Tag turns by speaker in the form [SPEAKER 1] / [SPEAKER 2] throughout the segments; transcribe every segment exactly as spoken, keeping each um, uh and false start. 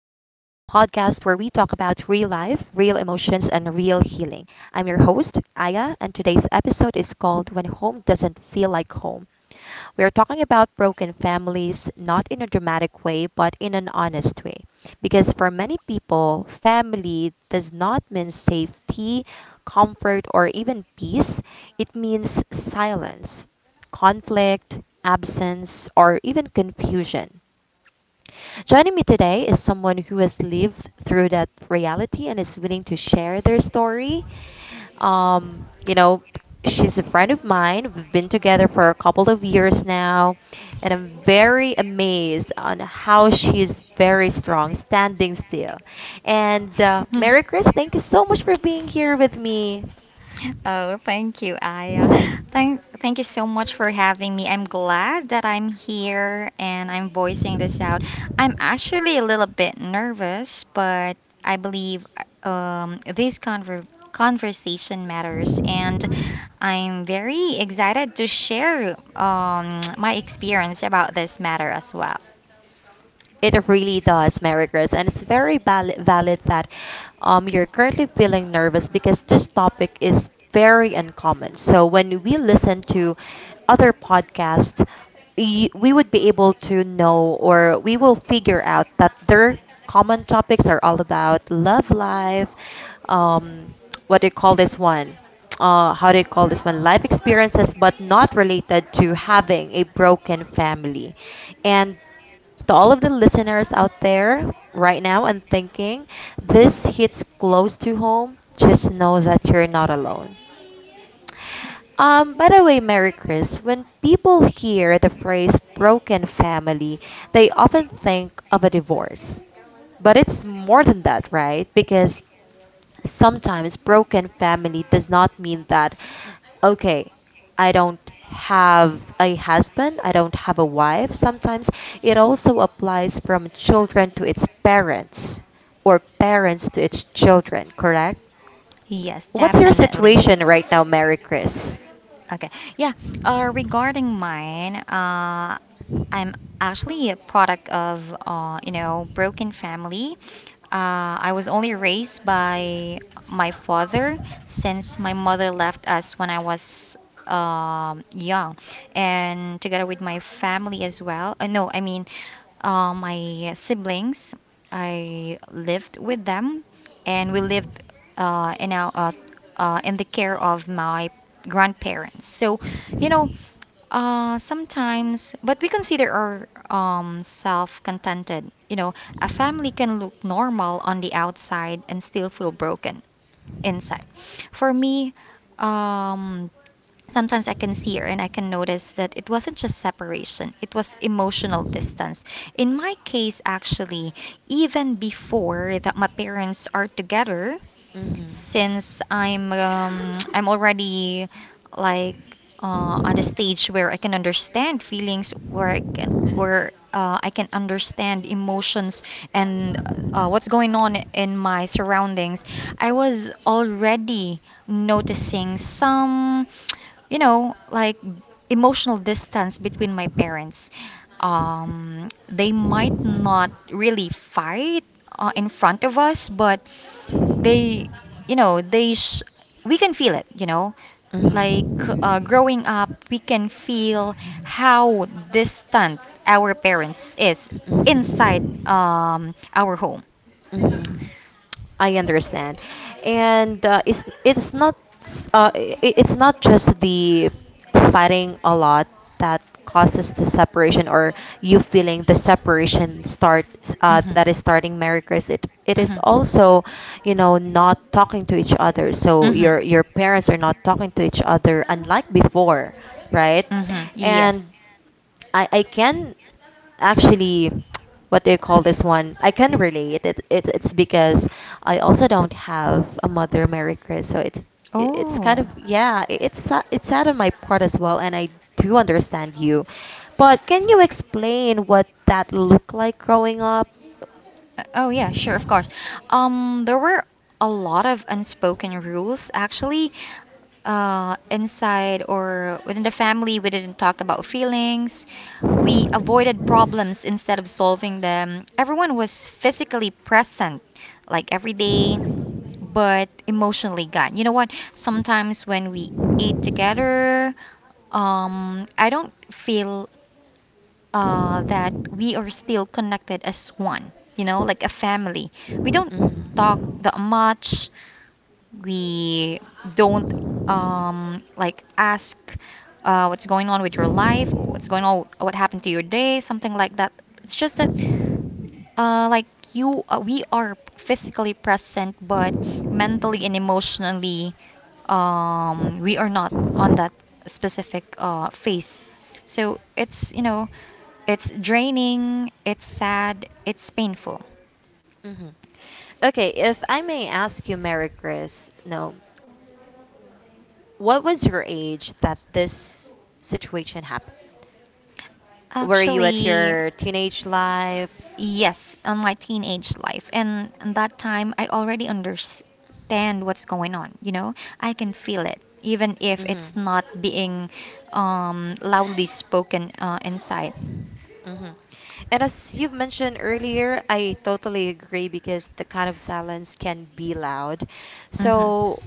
[SPEAKER 1] life, real emotions, and real healing. I'm your host, Aya, and today's episode is called When Home Doesn't Feel Like Home. We are talking about broken families, not in a dramatic way, but in an honest way. Because for many people, family does not mean safety, comfort, or even peace. It means silence, conflict, absence, or even confusion. Joining me today is someone who has lived through that reality and is willing to share their story. Um, you know, she's a friend of mine. We've been together for a couple of years now, and I'm very amazed on how she is very strong, standing still. And uh, Mary Chris, thank you so much for being here with me.
[SPEAKER 2] Oh, thank you, Aya. Thank, thank you so much for having me. I'm glad that I'm here and I'm voicing this out. I'm actually a little bit nervous, but I believe um, this conver- conversation matters, and I'm very excited to share um, my experience about this matter as well.
[SPEAKER 1] It really does, Mary Grace, and it's very valid, valid that um, you're currently feeling nervous because this topic is very uncommon. So when we listen to other podcasts, y- we would be able to know, or we will figure out that their common topics are all about love life, um, what do you call this one? Uh, how do you call this one? Life experiences, but not related to having a broken family. And to all of the listeners out there right now and thinking this hits close to home, just know that you're not alone. Um, by the way, Mary Chris, when people hear the phrase broken family, they often think of a divorce. But it's more than that, right? Because sometimes broken family does not mean that, okay, I don't have a husband, I don't have a wife. Sometimes it also applies from children to its parents or parents to its children, correct?
[SPEAKER 2] Yes,
[SPEAKER 1] What's your
[SPEAKER 2] definitely.
[SPEAKER 1] situation right now, Mary Chris?
[SPEAKER 2] Okay. Yeah. Uh, regarding mine, uh, I'm actually a product of, uh, you know, broken family. Uh, I was only raised by my father since my mother left us when I was um, young, and together with my family as well. Uh, no, I mean, uh, my siblings. I lived with them, and we lived uh, in our uh, uh, in the care of my grandparents. So, you know, uh, sometimes, but we consider our um, self contented. You know, a family can look normal on the outside and still feel broken inside. For me, um, sometimes I can see her and I can notice that it wasn't just separation, it was emotional distance. In my case, actually, even before that my parents are together,
[SPEAKER 1] Mm-hmm.
[SPEAKER 2] since I'm um, I'm already like uh, on the stage where I can understand feelings, where I can where uh, I can understand emotions and uh, what's going on in my surroundings. I was already noticing some, you know, like emotional distance between my parents. Um, they might not really fight uh, in front of us, but they you know they sh- we can feel it, you know, like uh,
[SPEAKER 1] Mm-hmm.
[SPEAKER 2] growing up we can feel how distant our parents is inside
[SPEAKER 1] Mm-hmm.
[SPEAKER 2] um, our home.
[SPEAKER 1] Mhm. I understand. And uh, it's it's not s- uh, I- I- it's not just the fighting a lot that causes the separation, or you feeling the separation start uh,
[SPEAKER 2] Hmm.
[SPEAKER 1] that is starting marriages. It it is
[SPEAKER 2] Hmm.
[SPEAKER 1] also, you know, not talking to each other. So
[SPEAKER 2] Hmm.
[SPEAKER 1] your your parents are not talking to each other unlike before, right?
[SPEAKER 2] Hmm, yes.
[SPEAKER 1] And I, I can actually, what do you call this one, I can relate it, it it's because I also don't have a mother, Mary Chris, so it's i- it's kind
[SPEAKER 2] Oh.
[SPEAKER 1] of, yeah, i- it's sa- it's sad on my part as well, and I do understand you. But can you explain what that looked like growing up?
[SPEAKER 2] Uh, oh yeah, sure, of course. Um there were a lot of unspoken rules actually, uh inside or within the family. We didn't talk about feelings. We avoided problems instead of solving them. Everyone was physically present, like every day, but emotionally gone. You know what? Sometimes when we eat together, um, I don't feel uh, that we are still connected as one, you know, like a family. We don't talk
[SPEAKER 1] Mm-hmm.
[SPEAKER 2] that much. We don't um, like ask uh, what's going on with your life, or what's going on, what happened to your day, something like that. It's just that uh, like you uh, we are physically present but mentally and emotionally um, we are not on that specific uh, phase. So it's, you know, it's draining, it's sad, it's painful.
[SPEAKER 1] Hmm. Okay, if I may ask you, Mary Chris, no, what was your age that this situation happened? Were you at
[SPEAKER 2] Actually,
[SPEAKER 1] your teenage life?
[SPEAKER 2] yes, on my teenage life. And in that time, I already understand what's going on, you know? I can feel it, even if
[SPEAKER 1] Mm-hmm.
[SPEAKER 2] it's not being um, loudly spoken uh, inside.
[SPEAKER 1] Mm-hmm. And as you've mentioned earlier, I totally agree, because the kind of silence can be loud. So,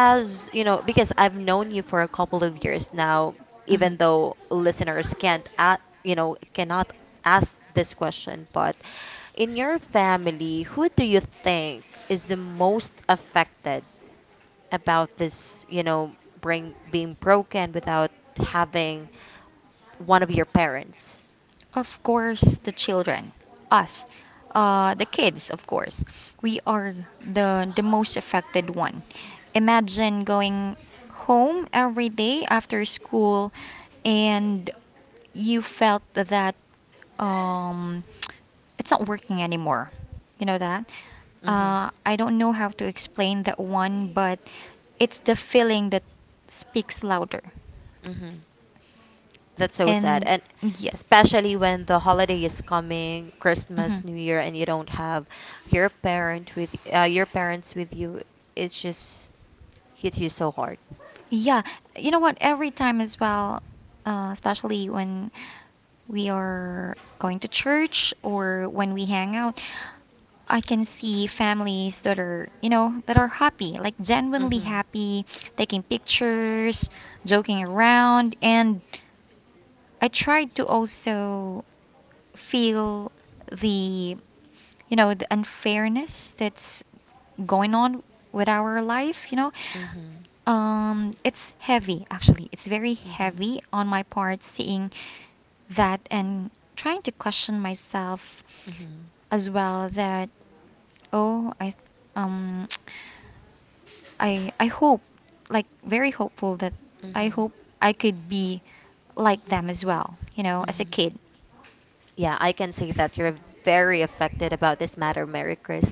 [SPEAKER 1] as you know, because I've known you for a couple of years now, even though listeners can't a you know cannot ask this question, but in your family, who do you think is the most affected about this, you know, bring being broken without having one of your parents?
[SPEAKER 2] Of course, the children, us, uh, the kids, of course, we are the the most affected one. Imagine going home every day after school and you felt that um, it's not working anymore. You know that?
[SPEAKER 1] Mhm.
[SPEAKER 2] Uh, I don't know how to explain that one, but it's the feeling that speaks louder.
[SPEAKER 1] Mhm. That's so sad.
[SPEAKER 2] And
[SPEAKER 1] And
[SPEAKER 2] yes.
[SPEAKER 1] especially when the holiday is coming, Christmas,
[SPEAKER 2] Mhm.
[SPEAKER 1] New Year, and you don't have your parent with uh, your parents with you, it just hits you so hard.
[SPEAKER 2] Yeah, you know what? Every time as well, uh, especially when we are going to church or when we hang out, I can see families that are, you know, that are happy, like genuinely
[SPEAKER 1] Mhm.
[SPEAKER 2] happy, taking pictures, joking around, and I tried to also feel the, you know, the unfairness that's going on with our life, you know.
[SPEAKER 1] Mhm.
[SPEAKER 2] Um, it's heavy, actually. It's very
[SPEAKER 1] Mhm. Mhm.
[SPEAKER 2] heavy on my part seeing that and trying to question myself
[SPEAKER 1] Mhm.
[SPEAKER 2] as well that, oh, I, um, I, I hope, like, very hopeful that I
[SPEAKER 1] Mhm.
[SPEAKER 2] hope I could be like them as well, you know, as a
[SPEAKER 1] Mhm.
[SPEAKER 2] kid.
[SPEAKER 1] Yeah, I can say that you're very affected about this matter, Mary Chris.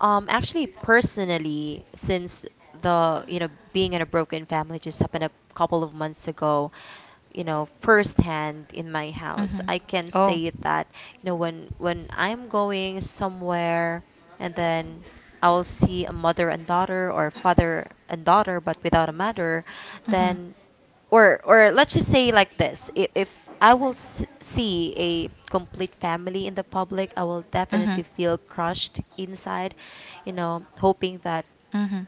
[SPEAKER 1] Um, actually, personally, since the, you know, being in a broken family just happened a couple of months ago, you know, firsthand in my house, I can say that, you know, when when I'm going somewhere and then I'll see a mother and daughter or father and daughter but without a mother,
[SPEAKER 2] um,
[SPEAKER 1] then, or or let's just say like this, if, if I will s- see a complete family in the public, I will definitely feel crushed inside, you know, hoping that,
[SPEAKER 2] Mhm.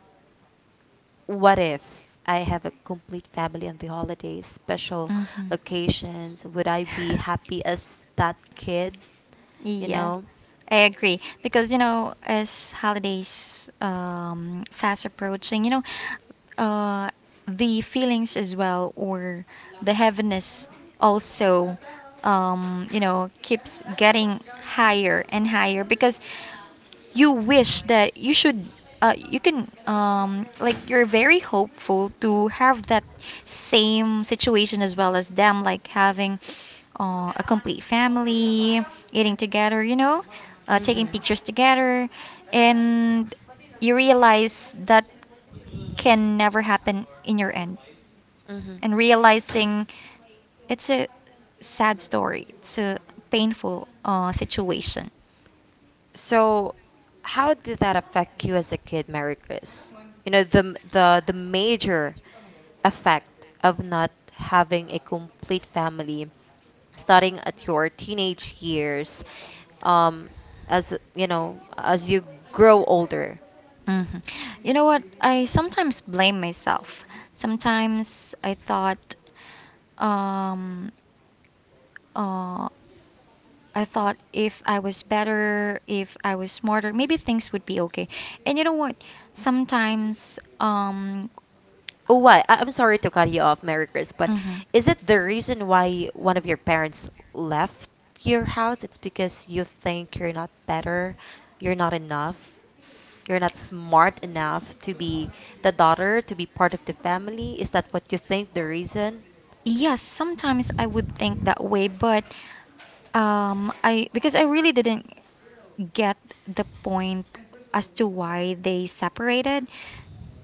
[SPEAKER 1] what if I have a complete family on the holidays, special occasions, would I be happy as that kid, you
[SPEAKER 2] Yeah,
[SPEAKER 1] know?
[SPEAKER 2] I agree. Because, you know, as holidays um, fast approaching, you know, uh, the feelings as well, or the heaviness also, um, you know, keeps getting higher and higher because you wish that you should uh, you can, um like, you're very hopeful to have that same situation as well as them, like having uh, a complete family, eating together, you know, uh, taking
[SPEAKER 1] Mhm.
[SPEAKER 2] pictures together, and you realize that can never happen in your end.
[SPEAKER 1] Mhm.
[SPEAKER 2] And realizing it's a sad story, it's a painful uh, situation.
[SPEAKER 1] So, how did that affect you as a kid, Mary Chris? You know, the the the major effect of not having a complete family starting at your teenage years, um, as you know, as you grow older.
[SPEAKER 2] Mhm. You know what? I sometimes blame myself. Sometimes I thought, um, uh, I thought if I was better, if I was smarter, maybe things would be okay. And you know what? Sometimes, um,
[SPEAKER 1] Oh, why? I- I'm sorry to cut you off, Mary Chris, but
[SPEAKER 2] Mm-hmm.
[SPEAKER 1] is it the reason why one of your parents left your house? It's because you think you're not better, you're not enough, you're not smart enough to be the daughter, to be part of the family? Is that what you think the reason?
[SPEAKER 2] Yes, sometimes I would think that way, but um, I, because I really didn't get the point as to why they separated.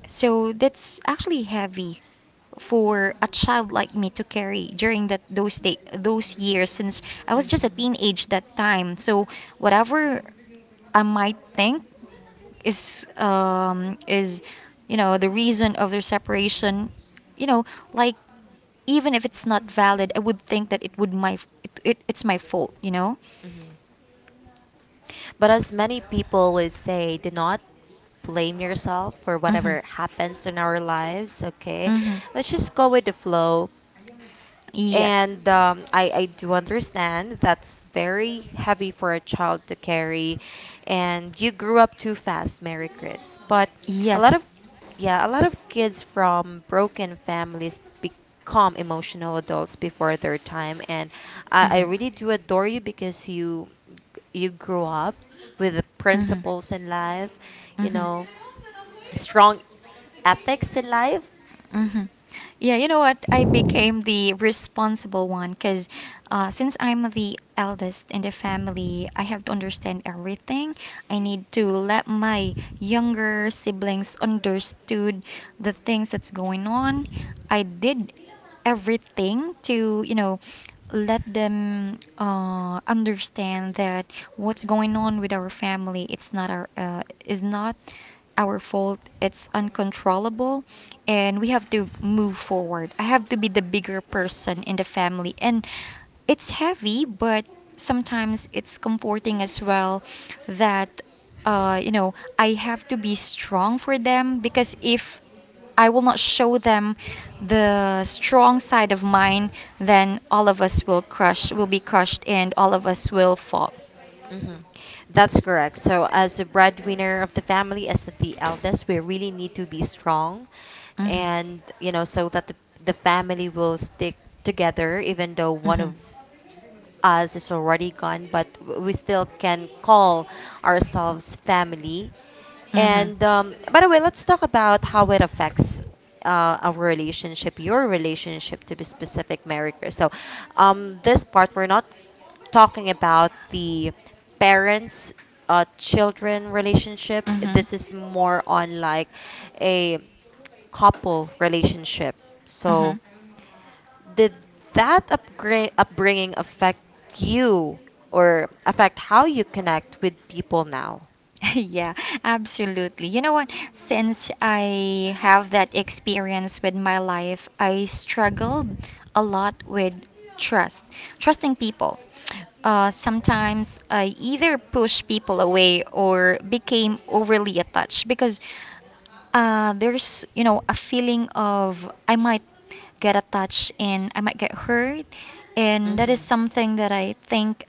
[SPEAKER 2] So that's actually heavy for a child like me to carry during that those day, those years, since I was just a
[SPEAKER 1] Mm-hmm.
[SPEAKER 2] teenage that time. So whatever I might think is um is, you know, the reason of their separation, you know, like, even if it's not valid, I would think that it would my it, it it's my fault, you know?
[SPEAKER 1] Mm-hmm. But as many people would say, do not blame yourself for
[SPEAKER 2] Mhm.
[SPEAKER 1] whatever happens in our lives, okay?
[SPEAKER 2] Mhm.
[SPEAKER 1] Let's just go with the flow.
[SPEAKER 2] Yes.
[SPEAKER 1] And um, I, I do understand that's very heavy for a child to carry, and you grew up too fast, Mary Chris. But a
[SPEAKER 2] Yes.
[SPEAKER 1] lot of, yeah, a lot of kids from broken families become emotional adults before their time, and I, I
[SPEAKER 2] Mhm.
[SPEAKER 1] really do adore you, because you you grew up with the
[SPEAKER 2] Mhm.
[SPEAKER 1] principles in life, you
[SPEAKER 2] Mhm.
[SPEAKER 1] know, strong ethics in life.
[SPEAKER 2] Hmm. Yeah, you know what? I became the responsible one because uh, since I'm the eldest in the family, I have to understand everything. I need to let my younger siblings understood the things that's going on. I did everything to, you know, let them uh, understand that what's going on with our family, it's not our uh, is not our fault, it's uncontrollable, and we have to move forward. I have to be the bigger person in the family. And it's heavy, but sometimes it's comforting as well, that uh, you know, I have to be strong for them, because if I will not show them the strong side of mine, then all of us will crush, will be crushed, and all of us will fall.
[SPEAKER 1] Mhm. That's correct. So, as a breadwinner of the family, as the eldest, we really need to be strong
[SPEAKER 2] Hmm.
[SPEAKER 1] and, you know, so that the, the family will stick together, even though one
[SPEAKER 2] Hmm.
[SPEAKER 1] of us is already gone, but w- we still can call ourselves family.
[SPEAKER 2] Mhm.
[SPEAKER 1] And um, by the way, let's talk about how it affects uh, our relationship, your relationship to be specific, Maricor. So, um, this part we're not talking about the parents uh, children relationship. This is more on like a couple relationship.
[SPEAKER 2] Mhm.
[SPEAKER 1] So,
[SPEAKER 2] Mhm.
[SPEAKER 1] did that upgra- upbringing affect you, or affect how you connect with people now?
[SPEAKER 2] Yeah, absolutely. You know what? Since I have that experience with my life, I struggled a lot with trust, trusting people. Uh, sometimes I either pushed people away or became overly attached, because uh, there's, you know, a feeling of I might get attached and I might get hurt, and that
[SPEAKER 1] Mm-hmm.
[SPEAKER 2] is something that I think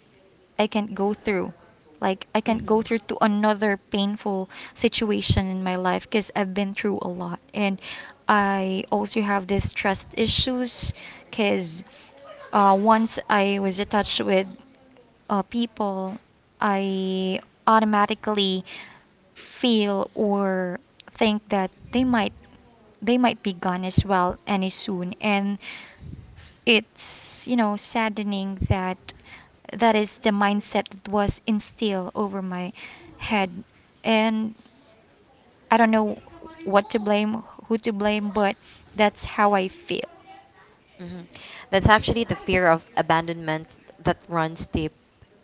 [SPEAKER 2] I can't go through. Like I can't go
[SPEAKER 1] Mm-hmm.
[SPEAKER 2] through to another painful situation in my life, because I've been through a lot. And I also have this trust issues because uh, once I was attached with uh, people, I automatically feel or think that they might they might be gone as well any soon. And it's, you know, saddening that that is the mindset that was instilled over my head. And I don't know what to blame, who to blame, but that's how I feel.
[SPEAKER 1] Mhm. That's actually the fear of abandonment that runs deep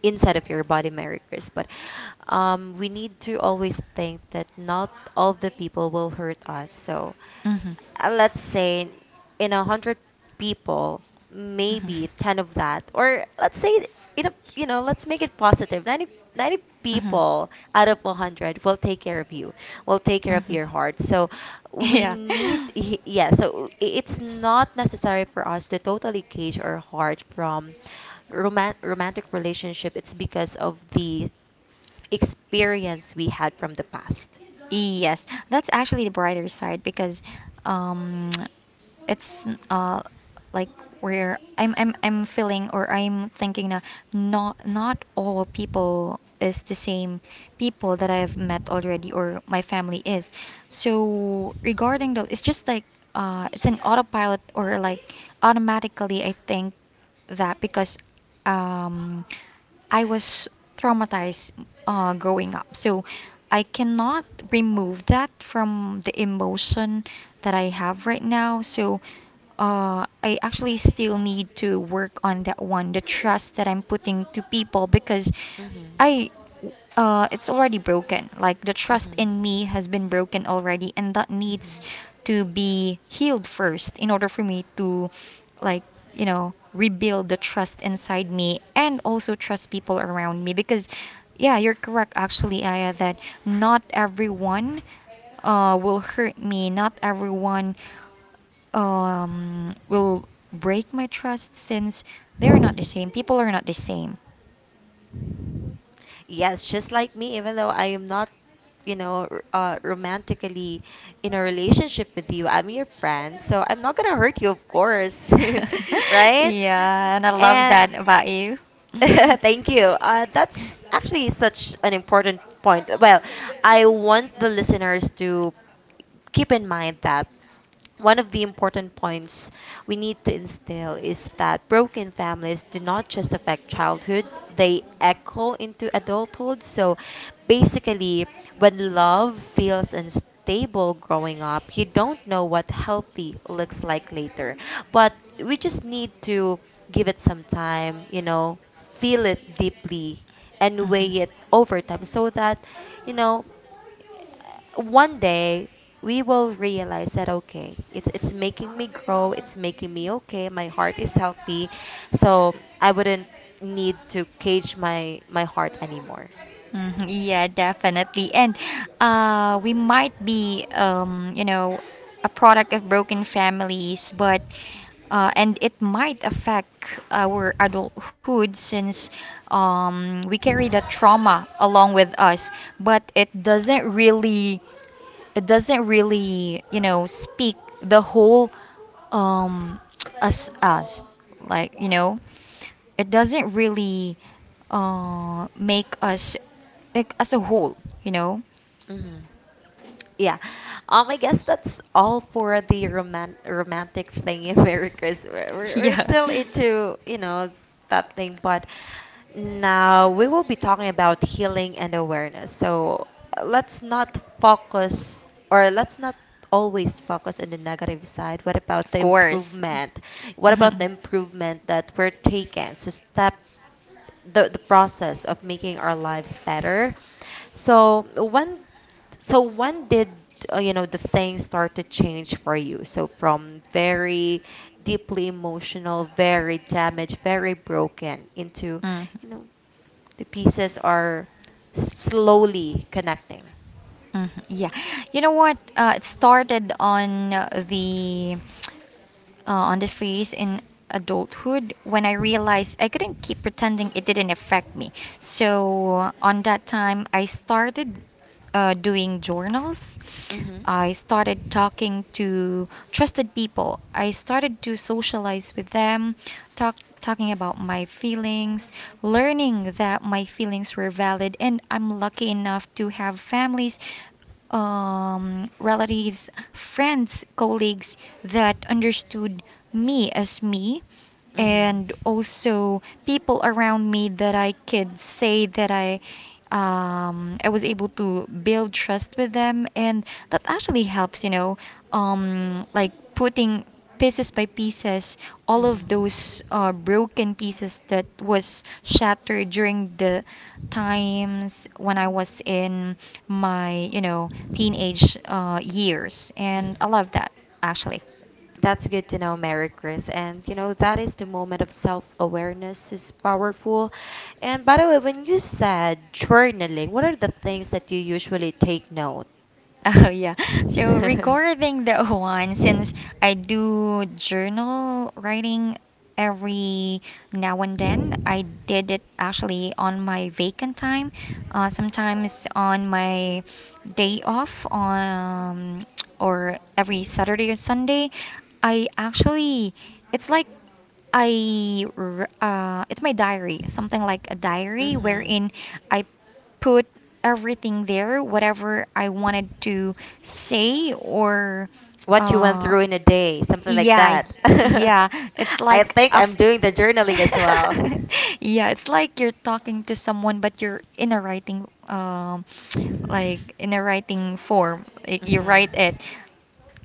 [SPEAKER 1] inside of your body, Mary Chris. But um, we need to always think that not all the people will hurt us. So
[SPEAKER 2] Mm-hmm.
[SPEAKER 1] uh, let's say in a hundred people,
[SPEAKER 2] Mm-hmm.
[SPEAKER 1] maybe ten of that, or let's say in, you know, let's make it positive. Ninety ninety
[SPEAKER 2] mm hmm
[SPEAKER 1] people out of one hundred will take care of you, will take care of
[SPEAKER 2] Mhm.
[SPEAKER 1] your heart. So we
[SPEAKER 2] Yeah.
[SPEAKER 1] need, y- yeah, so i- it's not necessary for us to totally cage our heart from roman- romantic relationship. It's because of the experience we had from the past.
[SPEAKER 2] Yes, that's actually the brighter side, because um, it's uh like where I'm I'm I'm feeling, or I'm thinking that not not all people is the same, people that I've met already, or my family is. So regarding those, it's just like uh it's an autopilot, or like automatically I think that because um I was traumatized uh, growing up. So I cannot remove that from the emotion that I have right now. So uh, I actually still need to work on that one, the trust that I'm putting to people, because
[SPEAKER 1] Hmm
[SPEAKER 2] I uh it's already broken. Like, the trust
[SPEAKER 1] hmm
[SPEAKER 2] in me has been broken already, and that needs
[SPEAKER 1] hmm
[SPEAKER 2] to be healed first in order for me to, like, you know, rebuild the trust inside me and also trust people around me, because yeah, you're correct actually, Aya, that not everyone uh will hurt me. Not everyone um will break my trust, since they're not the same. People are not the same.
[SPEAKER 1] Yes, just like me, even though I am not, you know, r- uh, romantically in a relationship with you, I'm your friend, so I'm not gonna hurt you, of course, right?
[SPEAKER 2] Yeah, and I love
[SPEAKER 1] And
[SPEAKER 2] that about you.
[SPEAKER 1] thank you. Uh, that's actually such an important point. Well, I want the listeners to keep in mind that one of the important points we need to instill is that broken families do not just affect childhood, they echo into adulthood. So basically, when love feels unstable growing up, you don't know what healthy looks
[SPEAKER 2] Mm.
[SPEAKER 1] like later. But we just need to give it some time, you know, feel it deeply and
[SPEAKER 2] Mhm.
[SPEAKER 1] weigh it over time so that, you know, one day we will realize that, okay, it's it's making me grow, it's making me okay, my heart is healthy, so I wouldn't need to cage my my heart anymore.
[SPEAKER 2] Mhm. Yeah, definitely. And uh, we might be, um, you know, a product of broken families, but uh, and it might affect our adulthood, since um, we carry the trauma along with us. But it doesn't really it doesn't really, you know, speak the whole, um, us us, like, you know, it doesn't really uh, make us, like, as a whole, you know.
[SPEAKER 1] Hmm Yeah. Um, I guess that's all for the roman romantic thing, in Merry Christmas. We're, we're
[SPEAKER 2] Yeah.
[SPEAKER 1] still into, you know, that thing, but now we will be talking about healing and awareness. So uh, let's not focus, or let's not always focus on the negative side. What about
[SPEAKER 2] Of
[SPEAKER 1] the
[SPEAKER 2] course.
[SPEAKER 1] improvement? What about the improvement that we're taking? So step the the process of making our lives better. So when, so when did uh, you know, the things start to change for you? So from very deeply emotional, very damaged, very broken into,
[SPEAKER 2] Mm.
[SPEAKER 1] you know, the pieces are slowly connecting.
[SPEAKER 2] Mhm. Yeah, you know what? Uh, it started on uh, the uh, on the phase in adulthood when I realized I couldn't keep pretending it didn't affect me. So uh, on that time, I started uh, doing journals.
[SPEAKER 1] Mhm.
[SPEAKER 2] I started talking to trusted people. I started to socialize with them, talk talking about my feelings, learning that my feelings were valid, and I'm lucky enough to have families, um, relatives, friends, colleagues that understood me as me,
[SPEAKER 1] Mhm.
[SPEAKER 2] and also people around me that I could say that I um I was able to build trust with them. And that actually helps, you know, um like putting pieces by pieces all of those
[SPEAKER 1] Mhm.
[SPEAKER 2] uh, broken pieces that was shattered during the times when I was in my, you know, teenage uh, years. And
[SPEAKER 1] Mhm.
[SPEAKER 2] I love that actually.
[SPEAKER 1] That's good to know, Mary Chris. And you know, that is the moment of self-awareness is powerful. And by the way, when you said journaling, what are the things that you usually take note?
[SPEAKER 2] Oh yeah. So
[SPEAKER 1] Mm-hmm.
[SPEAKER 2] regarding that one, since I do journal writing every now and then. I did it actually on my vacant time, uh, sometimes on my day off, um, or every Saturday or Sunday. I actually, it's like I, r- uh, it's my diary, something like a diary wherein I put everything there, whatever I wanted to say or
[SPEAKER 1] What you went
[SPEAKER 2] uh,
[SPEAKER 1] through in a day, something like
[SPEAKER 2] yeah, y-
[SPEAKER 1] that.
[SPEAKER 2] yeah. It's
[SPEAKER 1] I
[SPEAKER 2] like
[SPEAKER 1] think
[SPEAKER 2] a f-
[SPEAKER 1] I'm doing the journaling as well.
[SPEAKER 2] yeah, it's like you're talking to someone, but you're in a writing um, like in a writing form. Like you write
[SPEAKER 1] Mm-hmm.
[SPEAKER 2] it.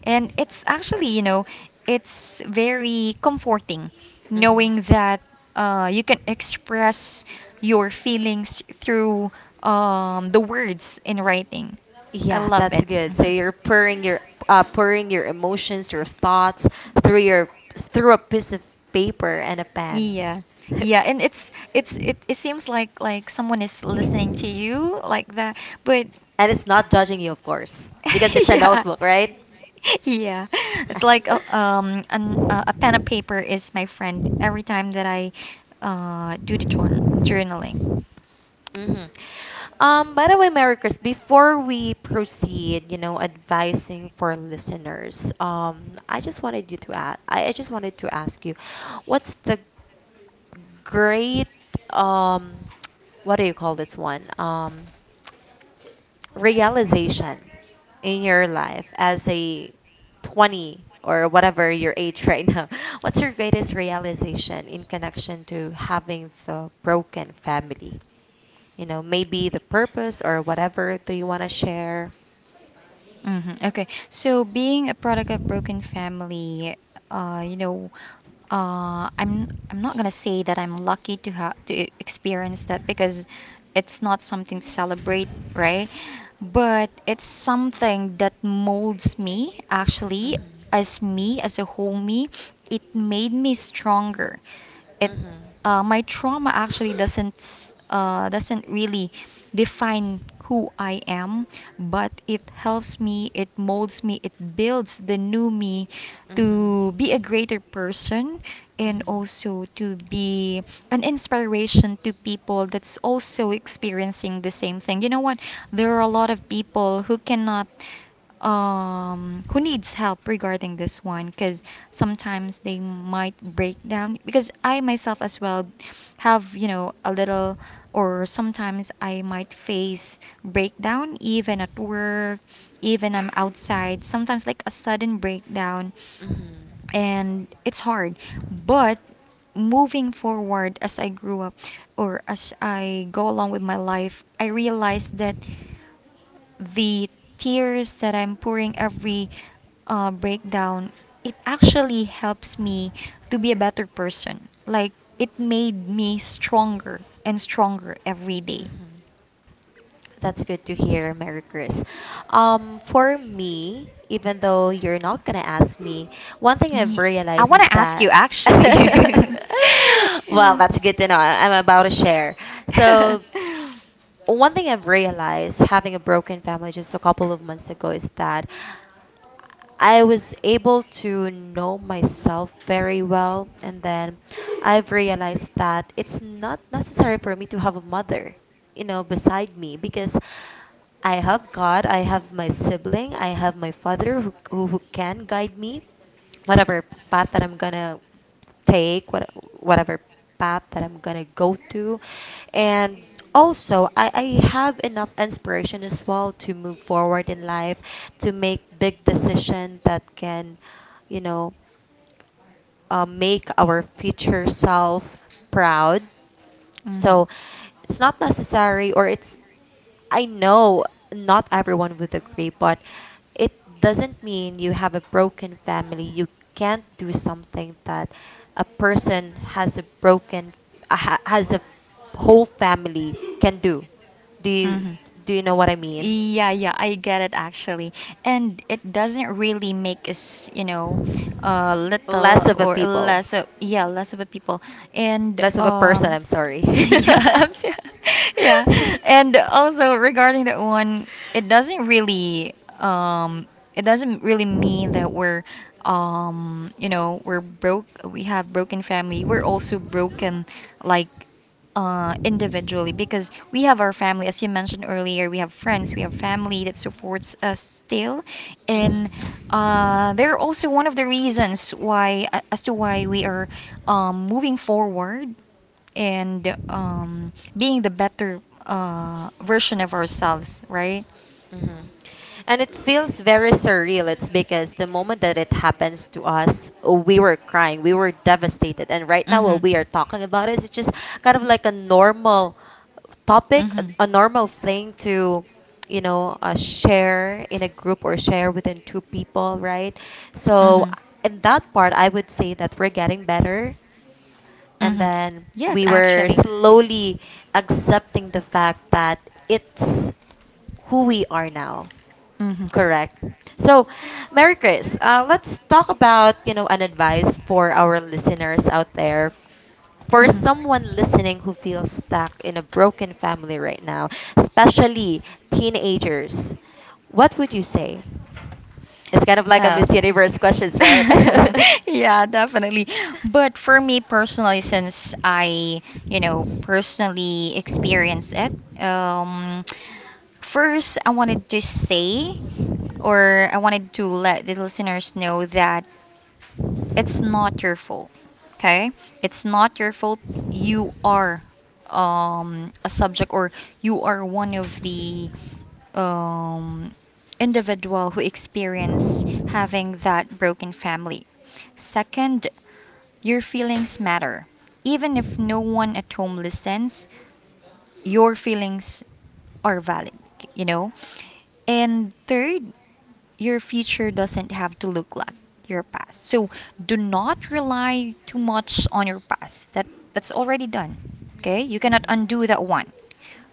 [SPEAKER 2] And it's actually, you know, it's very comforting
[SPEAKER 1] Mm-hmm.
[SPEAKER 2] knowing that uh, you can express your feelings through um, the words in writing. I
[SPEAKER 1] Yeah,
[SPEAKER 2] love
[SPEAKER 1] that's
[SPEAKER 2] it.
[SPEAKER 1] good. So
[SPEAKER 2] Mhm.
[SPEAKER 1] you're pouring your uh, pouring your emotions, your thoughts through your through a piece of paper and a pen.
[SPEAKER 2] Yeah. Yeah, and it's it's it, it seems like like someone is listening to you like that, but
[SPEAKER 1] And it's not judging you, of course, because it's a
[SPEAKER 2] yeah.
[SPEAKER 1] notebook, right?
[SPEAKER 2] Yeah. It's like a, um an, uh, a pen and paper is my friend every time that I uh do the journ journaling.
[SPEAKER 1] hmm Um, by the way, Mary Chris, before we proceed, you know, advising for listeners, um, I just wanted you to ask, I, I just wanted to ask you, what's the great um what do you call this one, um realization in your life as a twenty or whatever your age right now, what's your greatest realization in connection to having the broken family, you know, maybe the purpose or whatever, do you want to share?
[SPEAKER 2] Hmm. Okay. So being a product of broken family, uh, you know, uh, I'm I'm not gonna say that I'm lucky to have to e- experience that because it's not something to celebrate, right? But it's something that molds me actually
[SPEAKER 1] Mhm.
[SPEAKER 2] as me as a whole me. It made me stronger. It
[SPEAKER 1] Mhm.
[SPEAKER 2] uh, my trauma actually doesn't s- uh, doesn't really define who I am, but it helps me, it molds me, it builds the new me
[SPEAKER 1] mhm
[SPEAKER 2] to be a greater person and
[SPEAKER 1] mhm
[SPEAKER 2] also to be an inspiration to people that's also experiencing the same thing. You know what? There are a lot of people who cannot um who needs help regarding this one because sometimes they might break down because I myself as well have, you know, a little, or sometimes I might face breakdown even at work, even I'm outside sometimes, like a sudden breakdown.
[SPEAKER 1] mhm
[SPEAKER 2] And it's hard, but moving forward as I grew up or as I go along with my life, I realized that the tears that I'm pouring every uh, breakdown, it actually helps me to be a better person. Like it made me stronger and stronger every day.
[SPEAKER 1] mhm That's good to hear, Mary Chris. Um, for me, even though you're not gonna ask me, one thing I've
[SPEAKER 2] Ye- I
[SPEAKER 1] realized
[SPEAKER 2] want
[SPEAKER 1] is
[SPEAKER 2] to ask you
[SPEAKER 1] that
[SPEAKER 2] actually.
[SPEAKER 1] well,
[SPEAKER 2] Yeah.
[SPEAKER 1] that's good to know. I- I'm about to share. So one thing I've realized having a broken family just a couple of months ago is that I was able to know myself very well, and then I've realized that it's not necessary for me to have a mother, you know, beside me because I have God, I have my sibling, I have my father who, who, who can guide me, whatever path that I'm gonna take, what, whatever path that I'm gonna go to. And also, I, I have enough inspiration as well to move forward in life, to make big decision that can, you know, uh, make our future self proud.
[SPEAKER 2] Hmm.
[SPEAKER 1] So it's not necessary, or it's, I know not everyone would agree, but it doesn't mean you have a broken family. You can't do something that a person has a broken, uh, ha- has a whole family can do. Do you
[SPEAKER 2] Hmm.
[SPEAKER 1] do you know what I mean?
[SPEAKER 2] Yeah, yeah, I get it actually. And it doesn't really make us, you know, uh, little
[SPEAKER 1] Less of a
[SPEAKER 2] or
[SPEAKER 1] people,
[SPEAKER 2] less of, yeah, less of a people. And
[SPEAKER 1] less of a person.
[SPEAKER 2] um
[SPEAKER 1] I'm sorry.
[SPEAKER 2] yeah, I'm so- yeah. And also regarding that one, it doesn't really um it doesn't really mean that we're um you know, we're broke, we have broken family. We're also broken like uh, individually, because we have our family, as you mentioned earlier, we have friends, we have family that supports us still, and
[SPEAKER 1] hmm
[SPEAKER 2] uh, they're also one of the reasons why, a- as to why we are um, moving forward and um, being the better uh, version of ourselves, right?
[SPEAKER 1] hmm And it feels very surreal. It's because the moment that it happens to us, we were crying, we were devastated. And right now, while we are talking about it, it's just kind of like a normal topic, a,
[SPEAKER 2] Mhm.
[SPEAKER 1] a normal thing to, you know, uh, share in a group or share within two people, right? So, in that part, I would say that we're getting better. And
[SPEAKER 2] Hmm.
[SPEAKER 1] then
[SPEAKER 2] Yes,
[SPEAKER 1] we were
[SPEAKER 2] actually.
[SPEAKER 1] slowly accepting the fact that it's who we are now. Correct. So, Mary Chris, uh, let's talk about, you know, an advice for our listeners out there. For
[SPEAKER 2] Hmm.
[SPEAKER 1] someone
[SPEAKER 2] Hmm.
[SPEAKER 1] listening who feels stuck in a broken family right now, especially teenagers, what would you say? It's kind of like a
[SPEAKER 2] Oh.
[SPEAKER 1] Miss Universe questions, right?
[SPEAKER 2] Yeah, definitely. But for me personally, since I, you know, personally experienced it, um, first I wanted to say, or I wanted to let the listeners know that it's not your fault. Okay, it's not your fault. You are um, a subject, or you are one of the um, individual who experience having that broken family. Second, your feelings matter. Even if no one at home listens, your feelings are valid, you know? And third, your future doesn't have to look like your past. So do not rely too much on your past. That that's already done. Okay? You cannot
[SPEAKER 1] Mhm.
[SPEAKER 2] undo that one.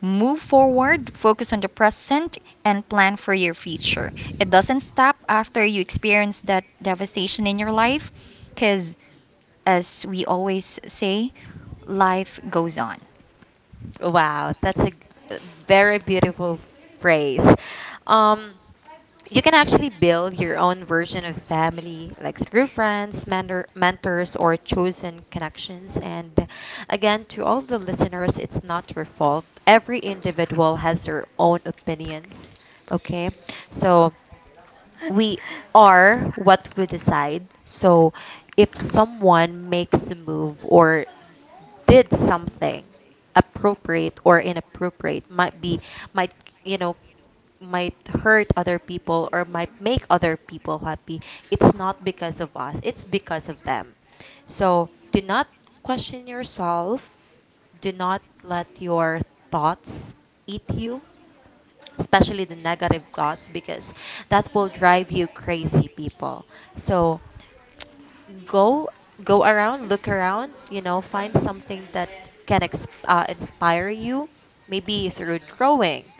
[SPEAKER 2] Move forward, focus on the present, and plan for your future. It doesn't stop after you experience that devastation in your life, because as we always say, life goes on.
[SPEAKER 1] Wow, that's a g- a very beautiful phrase. Um, you can actually build your own version of family, like through friends, mentor, mentors, or chosen connections. And again, to all the listeners, it's not your fault. Every individual has their own opinions. Okay, so we are what we decide. So if someone makes a move or did something appropriate or inappropriate, might be might you know, might hurt other people or might make other people happy, it's not because of us, it's because of them. So do not question yourself, do not let your thoughts eat you, especially the negative thoughts because that will drive you crazy, people. So go, go around, look around, you know, find something that can ex- uh, inspire you, maybe through drawing,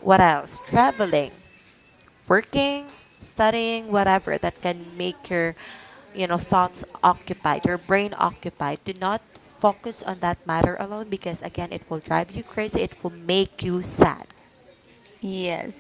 [SPEAKER 1] what else, traveling, working, studying, whatever that can make your, you know, thoughts occupied, your brain occupied. Do not focus on that matter alone because again, it will drive you crazy, it will make you sad.
[SPEAKER 2] Yes.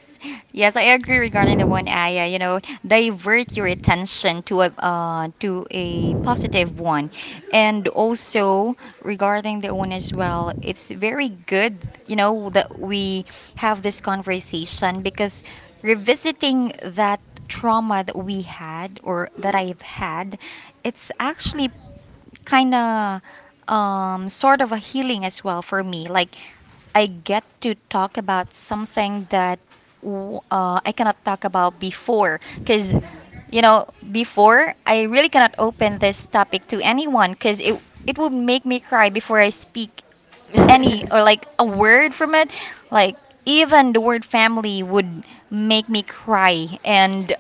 [SPEAKER 2] Yes, I agree regarding the one, Aya. You know, divert your attention to a, uh, to a positive one. And also regarding the one as well, it's very good, you know, that we have this conversation because revisiting that trauma that we had, or that I've had, it's actually kind of um, sort of a healing as well for me. Like I get to talk about something that w- uh, I cannot talk about before. Because,
[SPEAKER 1] Mhm.
[SPEAKER 2] you know, before, I really cannot open this topic to anyone because it, it would make me cry before I speak any or like a word from it. Like, even the word family would make me cry. And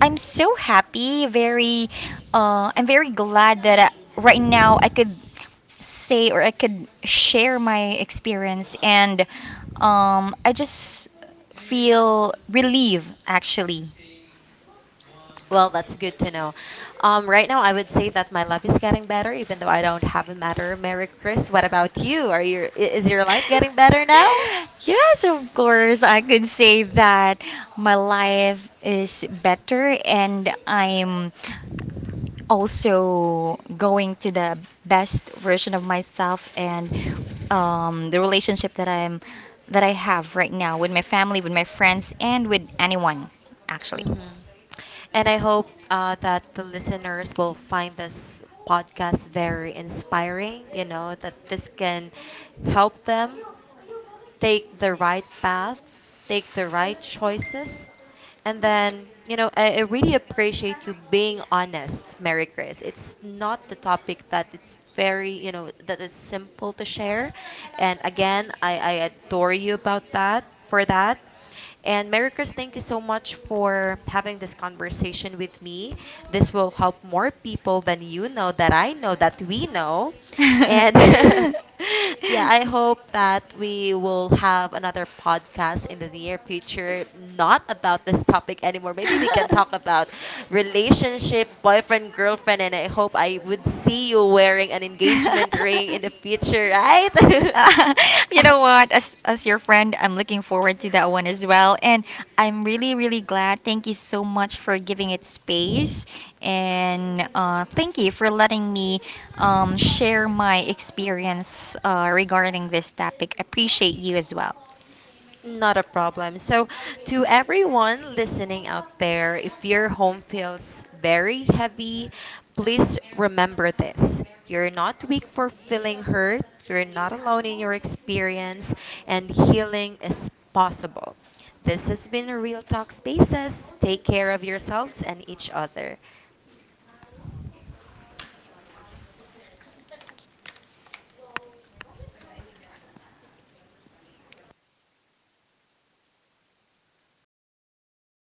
[SPEAKER 2] I'm so happy, very, uh, I'm very glad that I, right now I could say, or I could share my experience. And um, I just feel relieved actually.
[SPEAKER 1] Well, that's good to know. Um, right now, I would say that my life is getting better, even though I don't have a matter. Merry Chris. What about you? Are your i- is your life getting better now?
[SPEAKER 2] Yes, of course. I could say that my life is better, and I'm also going to the best version of myself, and um, the relationship that I'm that I have right now with my family, with my friends, and with anyone actually.
[SPEAKER 1] Hmm And I hope uh, that the listeners will find this podcast very inspiring. You know that this can help them take the right path, take the right choices. And then, you know, I, I really appreciate you being honest, Mary Grace. It's not the topic that it's very, you know, that it's simple to share. And again, I, I adore you about that, for that. And Mary Chris, thank you so much for having this conversation with me. This will help more people than you know, that I know, that we know. And yeah, I hope that we will have another podcast in the near future, not about this topic anymore. Maybe we can talk about relationship, boyfriend, girlfriend, and I hope I would see you wearing an engagement ring in the future, right?
[SPEAKER 2] Uh, you know what? As as your friend, I'm looking forward to that one as well. And I'm really really glad. Thank you so much for giving it space, and uh, thank you for letting me um, share my experience uh, regarding this topic. Appreciate you as well.
[SPEAKER 1] Not a problem. So, to everyone listening out there, if your home feels very heavy, please remember this. You're not weak for feeling hurt, you're not alone in your experience, and healing is possible. This has been a Real Talk Spaces. Take care of yourselves and each other.